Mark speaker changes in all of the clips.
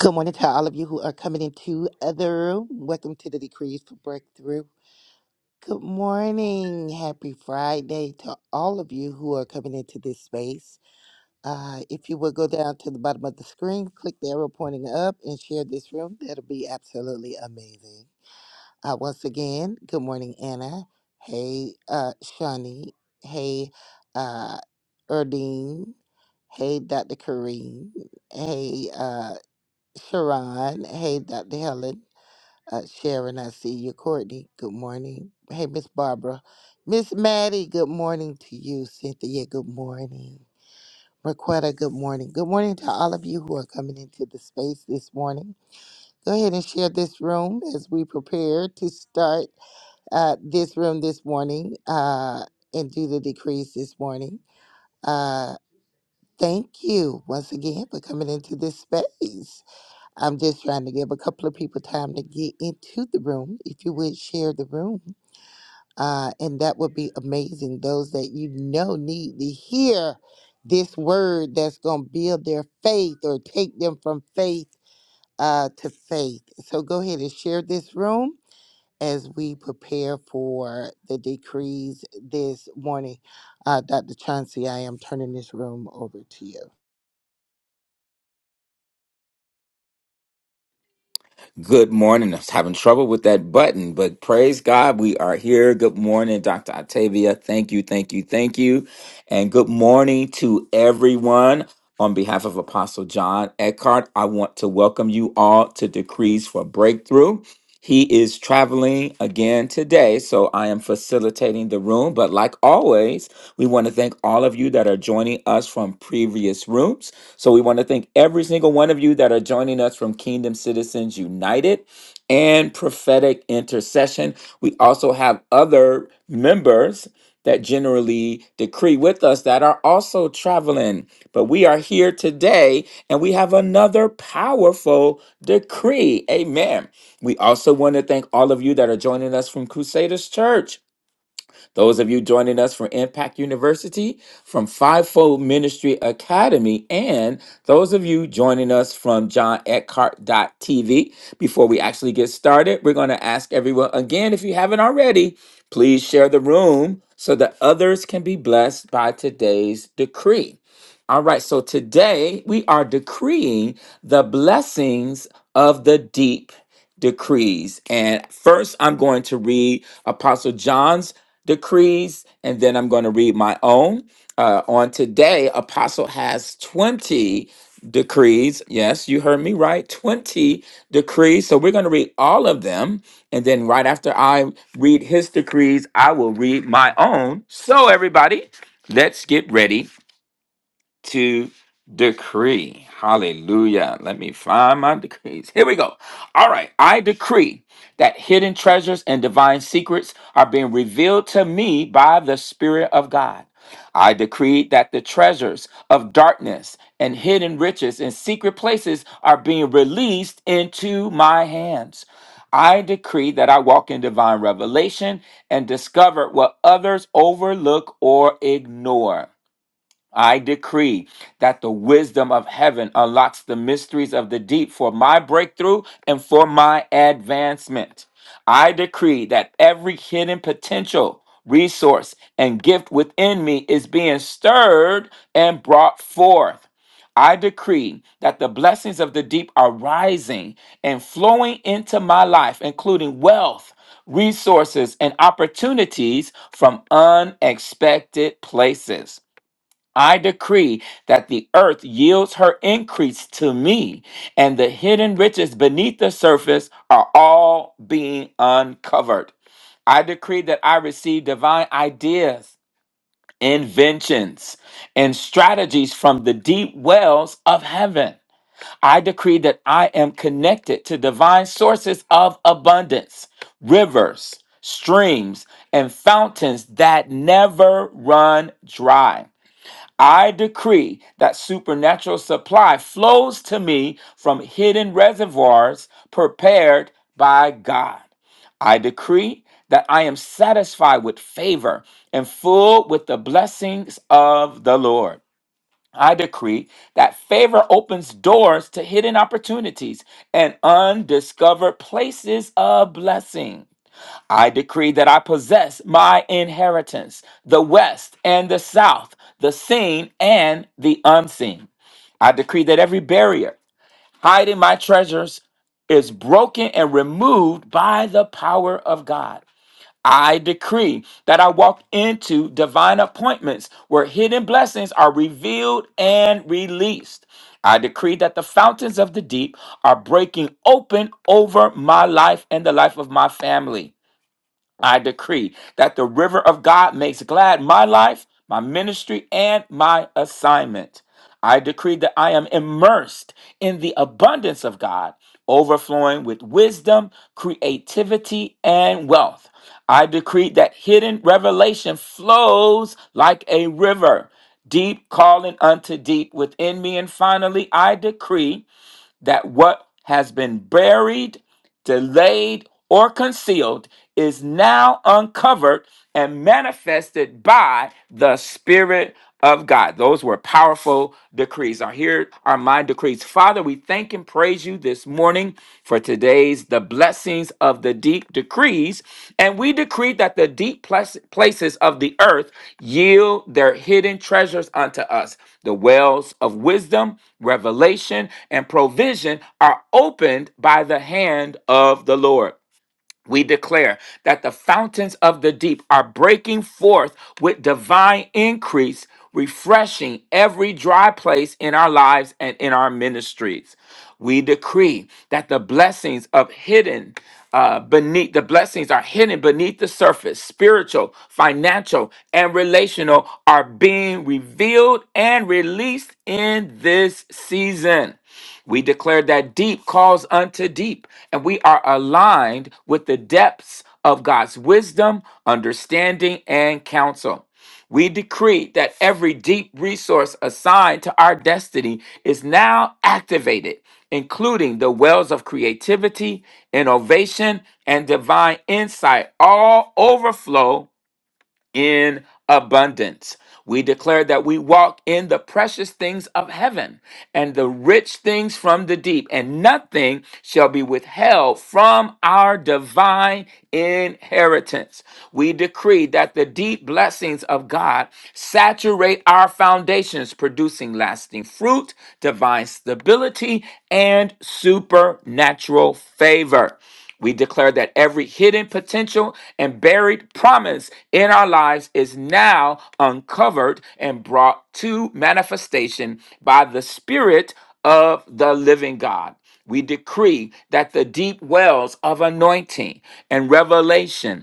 Speaker 1: Good morning to all of you who are coming into the room. Welcome to the Decrees for Breakthrough. Good morning. Happy Friday to all of you who are coming into this space. Uh, if you will go down to the bottom of the screen, click the arrow pointing up, and share this room, that'll be absolutely amazing. Uh, once again, good morning, Anna. Hey, uh, Shawnee. Hey, uh, Erdine. Hey, Dr. Kareem. Hey, uh, Sharon. Hey, Dr. Helen. Uh, Sharon, I see you. Courtney, good morning. Hey, Miss Barbara. Miss Maddie, good morning to you. Cynthia, good morning. Marquetta, good morning. Good morning to all of you who are coming into the space this morning. Go ahead and share this room as we prepare to start uh, this room this morning uh, and do the decrees this morning. Uh, thank you once again for coming into this space. I'm just trying to give a couple of people time to get into the room. If you would share the room, uh, and that would be amazing. Those that you know need to hear this word that's going to build their faith or take them from faith uh, to faith. So go ahead and share this room as we prepare for the decrees this morning. Uh, Dr. Chauncey, I am turning this room over to you.
Speaker 2: Good morning. I was having trouble with that button, but praise God, we are here. Good morning, Dr. Octavia. Thank you, thank you, thank you. And good morning to everyone. On behalf of Apostle John Eckhart, I want to welcome you all to Decrees for Breakthrough. He is traveling again today, so I am facilitating the room. But like always, we want to thank all of you that are joining us from previous rooms. So we want to thank every single one of you that are joining us from Kingdom Citizens United and Prophetic Intercession. We also have other members that generally decree with us that are also traveling. But we are here today and we have another powerful decree. Amen. We also want to thank all of you that are joining us from Crusaders Church. Those of you joining us from Impact University, from Fivefold Ministry Academy, and those of you joining us from John Eckhart TV. Before we actually get started, we're going to ask everyone again if you haven't already, please share the room so that others can be blessed by today's decree. All right, so today we are decreeing the blessings of the deep decrees. And first, I'm going to read Apostle John's decrees, and then I'm going to read my own. Uh, on today, Apostle has 20 decrees. Yes, you heard me right. 20 decrees. So we're going to read all of them. And then right after I read his decrees, I will read my own. So, everybody, let's get ready to decree. Hallelujah. Let me find my decrees. Here we go. All right. I decree that hidden treasures and divine secrets are being revealed to me by the Spirit of God. I decree that the treasures of darkness and hidden riches in secret places are being released into my hands. I decree that I walk in divine revelation and discover what others overlook or ignore. I decree that the wisdom of heaven unlocks the mysteries of the deep for my breakthrough and for my advancement. I decree that every hidden potential, resource, and gift within me is being stirred and brought forth. I decree that the blessings of the deep are rising and flowing into my life, including wealth, resources, and opportunities from unexpected places. I decree that the earth yields her increase to me, and the hidden riches beneath the surface are all being uncovered. I decree that I receive divine ideas, inventions, and strategies from the deep wells of heaven. I decree that I am connected to divine sources of abundance, rivers, streams, and fountains that never run dry. I decree that supernatural supply flows to me from hidden reservoirs prepared by God. I decree that I am satisfied with favor and full with the blessings of the Lord. I decree that favor opens doors to hidden opportunities and undiscovered places of blessing. I decree that I possess my inheritance, the West and the South, the seen and the unseen. I decree that every barrier hiding my treasures is broken and removed by the power of God. I decree that I walk into divine appointments where hidden blessings are revealed and released. I decree that the fountains of the deep are breaking open over my life and the life of my family. I decree that the river of God makes glad my life, my ministry, and my assignment. I decree that I am immersed in the abundance of God, overflowing with wisdom, creativity, and wealth. I decree that hidden revelation flows like a river, deep calling unto deep within me. And finally, I decree that what has been buried, delayed, or concealed is now uncovered and manifested by the Spirit of God. Those were powerful decrees. Now, here are my decrees. Father, we thank and praise you this morning for today's the blessed blessings of the deep decrees, and we decree that the deep place- places of the earth yield their hidden treasures unto us. The wells of wisdom, revelation, and provision are opened by the hand of the Lord we declare that the fountains of the deep are breaking forth with divine increase, refreshing every dry place in our lives and in our ministries. We decree that the blessings of hidden uh, beneath the blessings are hidden beneath the surface, spiritual, financial, and relational are being revealed and released in this season. We declare that deep calls unto deep, and we are aligned with the depths of God's wisdom, understanding, and counsel. We decree that every deep resource assigned to our destiny is now activated, including the wells of creativity, innovation, and divine insight, all overflow in abundance. We declare that we walk in the precious things of heaven and the rich things from the deep, and nothing shall be withheld from our divine inheritance. We decree that the deep blessings of God saturate our foundations, producing lasting fruit, divine stability, and supernatural favor. We declare that every hidden potential and buried promise in our lives is now uncovered and brought to manifestation by the Spirit of the living God. We decree that the deep wells of anointing and revelation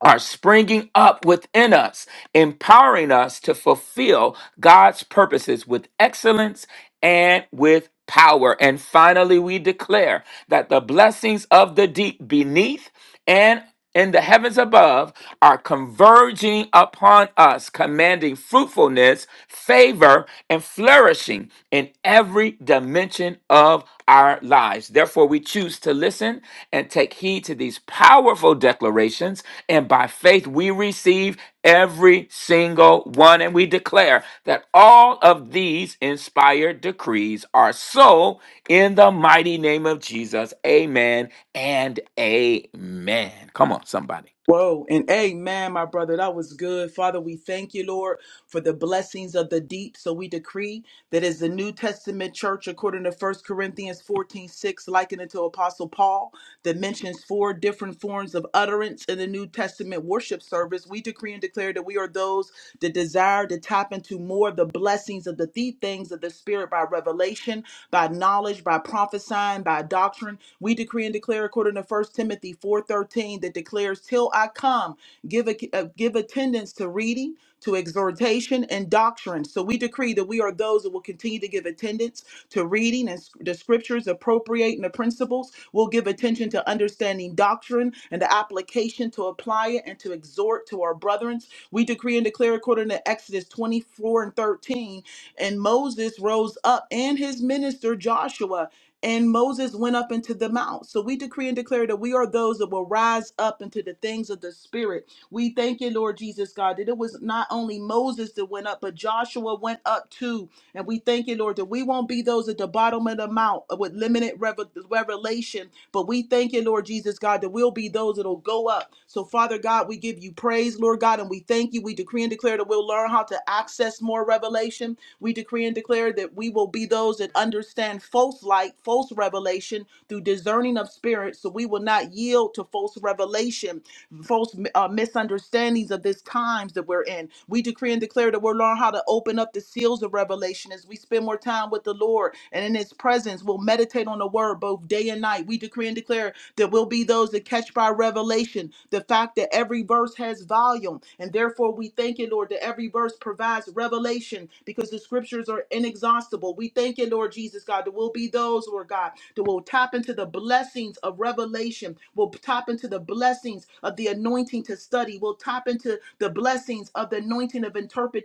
Speaker 2: are springing up within us, empowering us to fulfill God's purposes with excellence and with power. And finally, we declare that the blessings of the deep beneath and in the heavens above are converging upon us, commanding fruitfulness goodness, favor, and flourishing in every dimension of our lives. Therefore, we choose to listen and take heed to these powerful declarations. And by faith, we receive every single one. And we declare that all of these inspired decrees are so in the mighty name of Jesus. Amen and amen. Come on, somebody.
Speaker 3: Whoa, and amen, my brother. That was good. Father, we thank you, Lord, for the blessings of the deep. So we decree that as the New Testament church, according to First Corinthians 14 6, likened unto Apostle Paul, that mentions four different forms of utterance in the New Testament worship service, we decree and declare that we are those the desire to tap into more of the blessings of the deep things of the Spirit by revelation, by knowledge, by prophesying, by doctrine. We decree and declare according to First Timothy 4:13 that declares, "Till I come, give a, uh, give attendance to reading, to exhortation and doctrine." So we decree that we are those that will continue to give attendance to reading and the scriptures, appropriating the principles. We'll give attention to understanding doctrine and the application to apply it and to exhort to our brethren. We decree and declare according to Exodus 24 and 13. And Moses rose up and his minister Joshua. And Moses went up into the mount. So we decree and declare that we are those that will rise up into the things of the Spirit. We thank you, Lord Jesus God, that it was not only Moses that went up, but Joshua went up too and we thank you, Lord, that we won't be those at the bottom of the mount uh, with limited revel- revelation, but we thank you, Lord Jesus God, that we'll be those that'll go up. So, Father God, we give you praise, Lord God, and we thank you. We decree and declare that we'll learn how to access more revelation. We decree and declare that we will be those that understand false light, false revelation through discerning of spirits. So we will not yield to false revelation, false uh, uh, misunderstandings of this times that we're in. We decree and declare that we'll learn how to open up the seals of revelation as we spend more time with the Lord and in His presence. We'll meditate on the Word both day and night. We decree and declare that we'll be those that catch by revelation the fact that every verse has volume, and therefore we thank you, Lord, that every verse provides revelation because the scriptures are inexhaustible. We thank you, Lord Jesus God, that we'll be those, Lord God, God, that will tap into the blessings of revelation, will tap into the blessings of the anointing to study, will tap into the blessings of the anointing of interpreting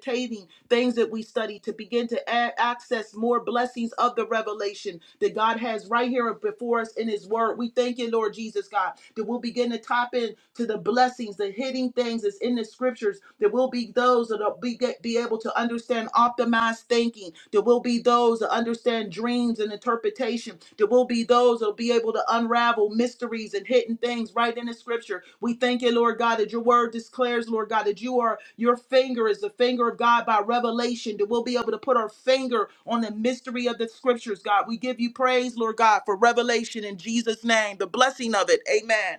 Speaker 3: things that we study to begin to a- access more blessings of the revelation that God has right here before us in His Word. We thank you, Lord Jesus, God, that we'll begin to tap into the blessings, the hidden things that's in the scriptures, that will be those that will be be able to understand optimized thinking. There will be those that understand dreams and interpretation. There will be those that will be able to unravel mysteries and hidden things right in the scripture. We thank you, Lord God, that your word declares, Lord God, that you are your finger is the finger of God by revelation. That we'll be able to put our finger on the mystery of the scriptures, God. We give you praise, Lord God, for revelation in Jesus' name, the blessing of it. Amen.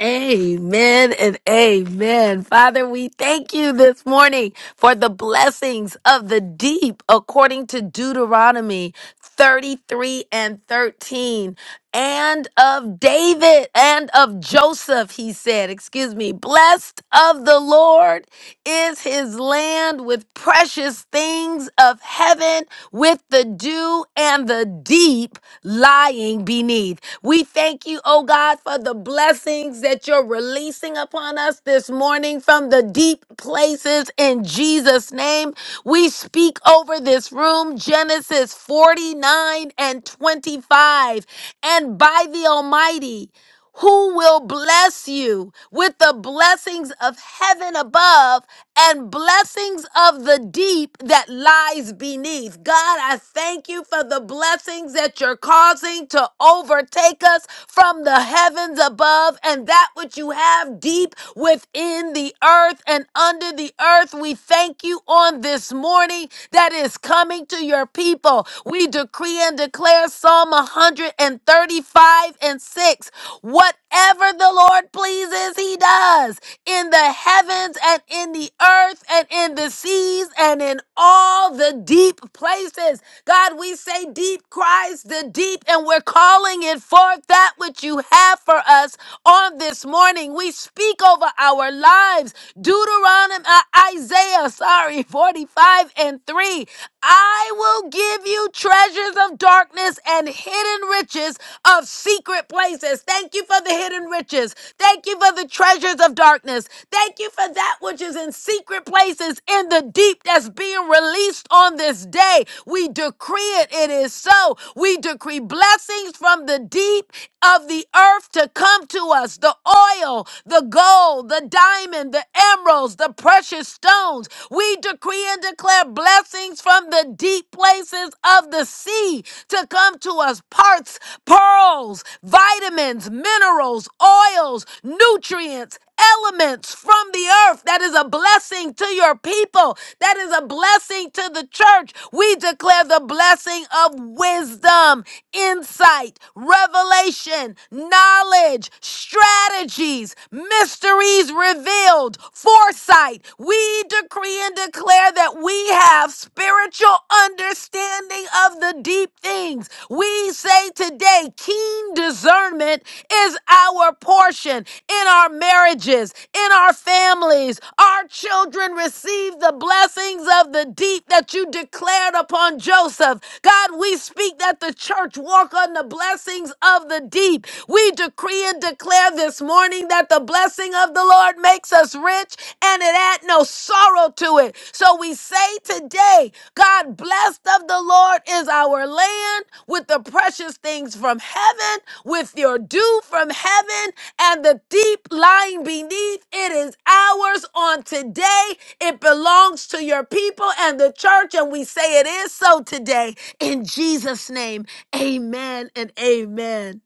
Speaker 4: Amen and amen. Father, we thank you this morning for the blessings of the deep according to Deuteronomy 33 and 13 and of David and of Joseph, he said, excuse me, blessed of the Lord is his land with precious things of heaven, with the dew and the deep lying beneath. We thank you, oh God, for the blessings that you're releasing upon us this morning from the deep places in Jesus' name. We speak over this room, Genesis 49 and 25. And by the Almighty, who will bless you with the blessings of heaven above and blessings of the deep that lies beneath. God, I thank you for the blessings that you're causing to overtake us from the heavens above and that which you have deep within the earth and under the earth. We thank you on this morning that is coming to your people. We decree and declare Psalm 103 and 35 and 6. Whatever the Lord pleases, he does in the heavens and in the earth and in the seas and in all the deep places. God, we say deep cries the deep, and we're calling it forth that which you have for us on this morning. We speak over our lives. Deuteronomy, uh, Isaiah, sorry, 45 and 3. I will give you treasures treasures of darkness and hidden riches of secret places. Thank you for the hidden riches. Thank you for the treasures of darkness. Thank you for that which is in secret places in the deep that's being released on this day. We decree it, it is so. We decree blessings from the deep of the earth to come to us the oil, the gold, the diamond, the emeralds, the precious stones. We decree and declare blessings from from the deep places of the sea to come to us parts, pearls, vitamins, minerals, oils, nutrients. Elements from the earth that is a blessing to your people, that is a blessing to the church. We declare the blessing of wisdom, insight, revelation, knowledge, strategies, mysteries revealed, foresight. We decree and declare that we have spiritual understanding of the deep things. We say today, keen discernment is our portion in our marriages, in our families. Our children receive the blessings of the deep that you declared upon Joseph. God, we speak that the church walk on the blessings of the deep. We decree and declare this morning that the blessing of the Lord makes us rich and it had no sorrow to it. So we say today, God blessed of the Lord is our land with the precious things from heaven, with your dew from heaven, and the deep lying beneath. It is ours on today. It belongs to your people and the church, and we say it is so today. In Jesus' name, amen and amen.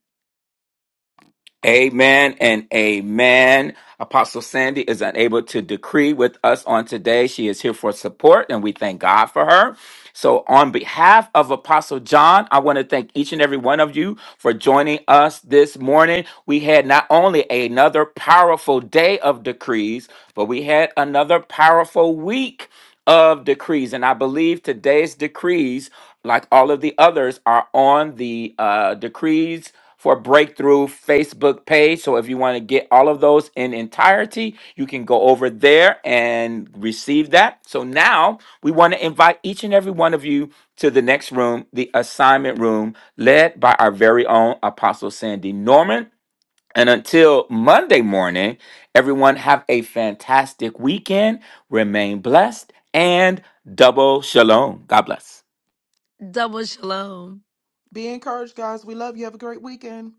Speaker 2: Amen and amen. Apostle Sandy is unable to decree with us on today. She is here for support, and we thank God for her. So, on behalf of Apostle John, I want to thank each and every one of you for joining us this morning. We had not only another powerful day of decrees, but we had another powerful week of decrees. And I believe today's decrees, like all of the others, are on the uh, decrees for Breakthrough Facebook page. So if you want to get all of those in entirety, you can go over there and receive that. So now we want to invite each and every one of you to the next room, the assignment room, led by our very own Apostle Sandy Norman. And until Monday morning, everyone have a fantastic weekend. Remain blessed and double shalom. God bless.
Speaker 4: Double shalom.
Speaker 3: Be encouraged, guys. We love you. Have a great weekend.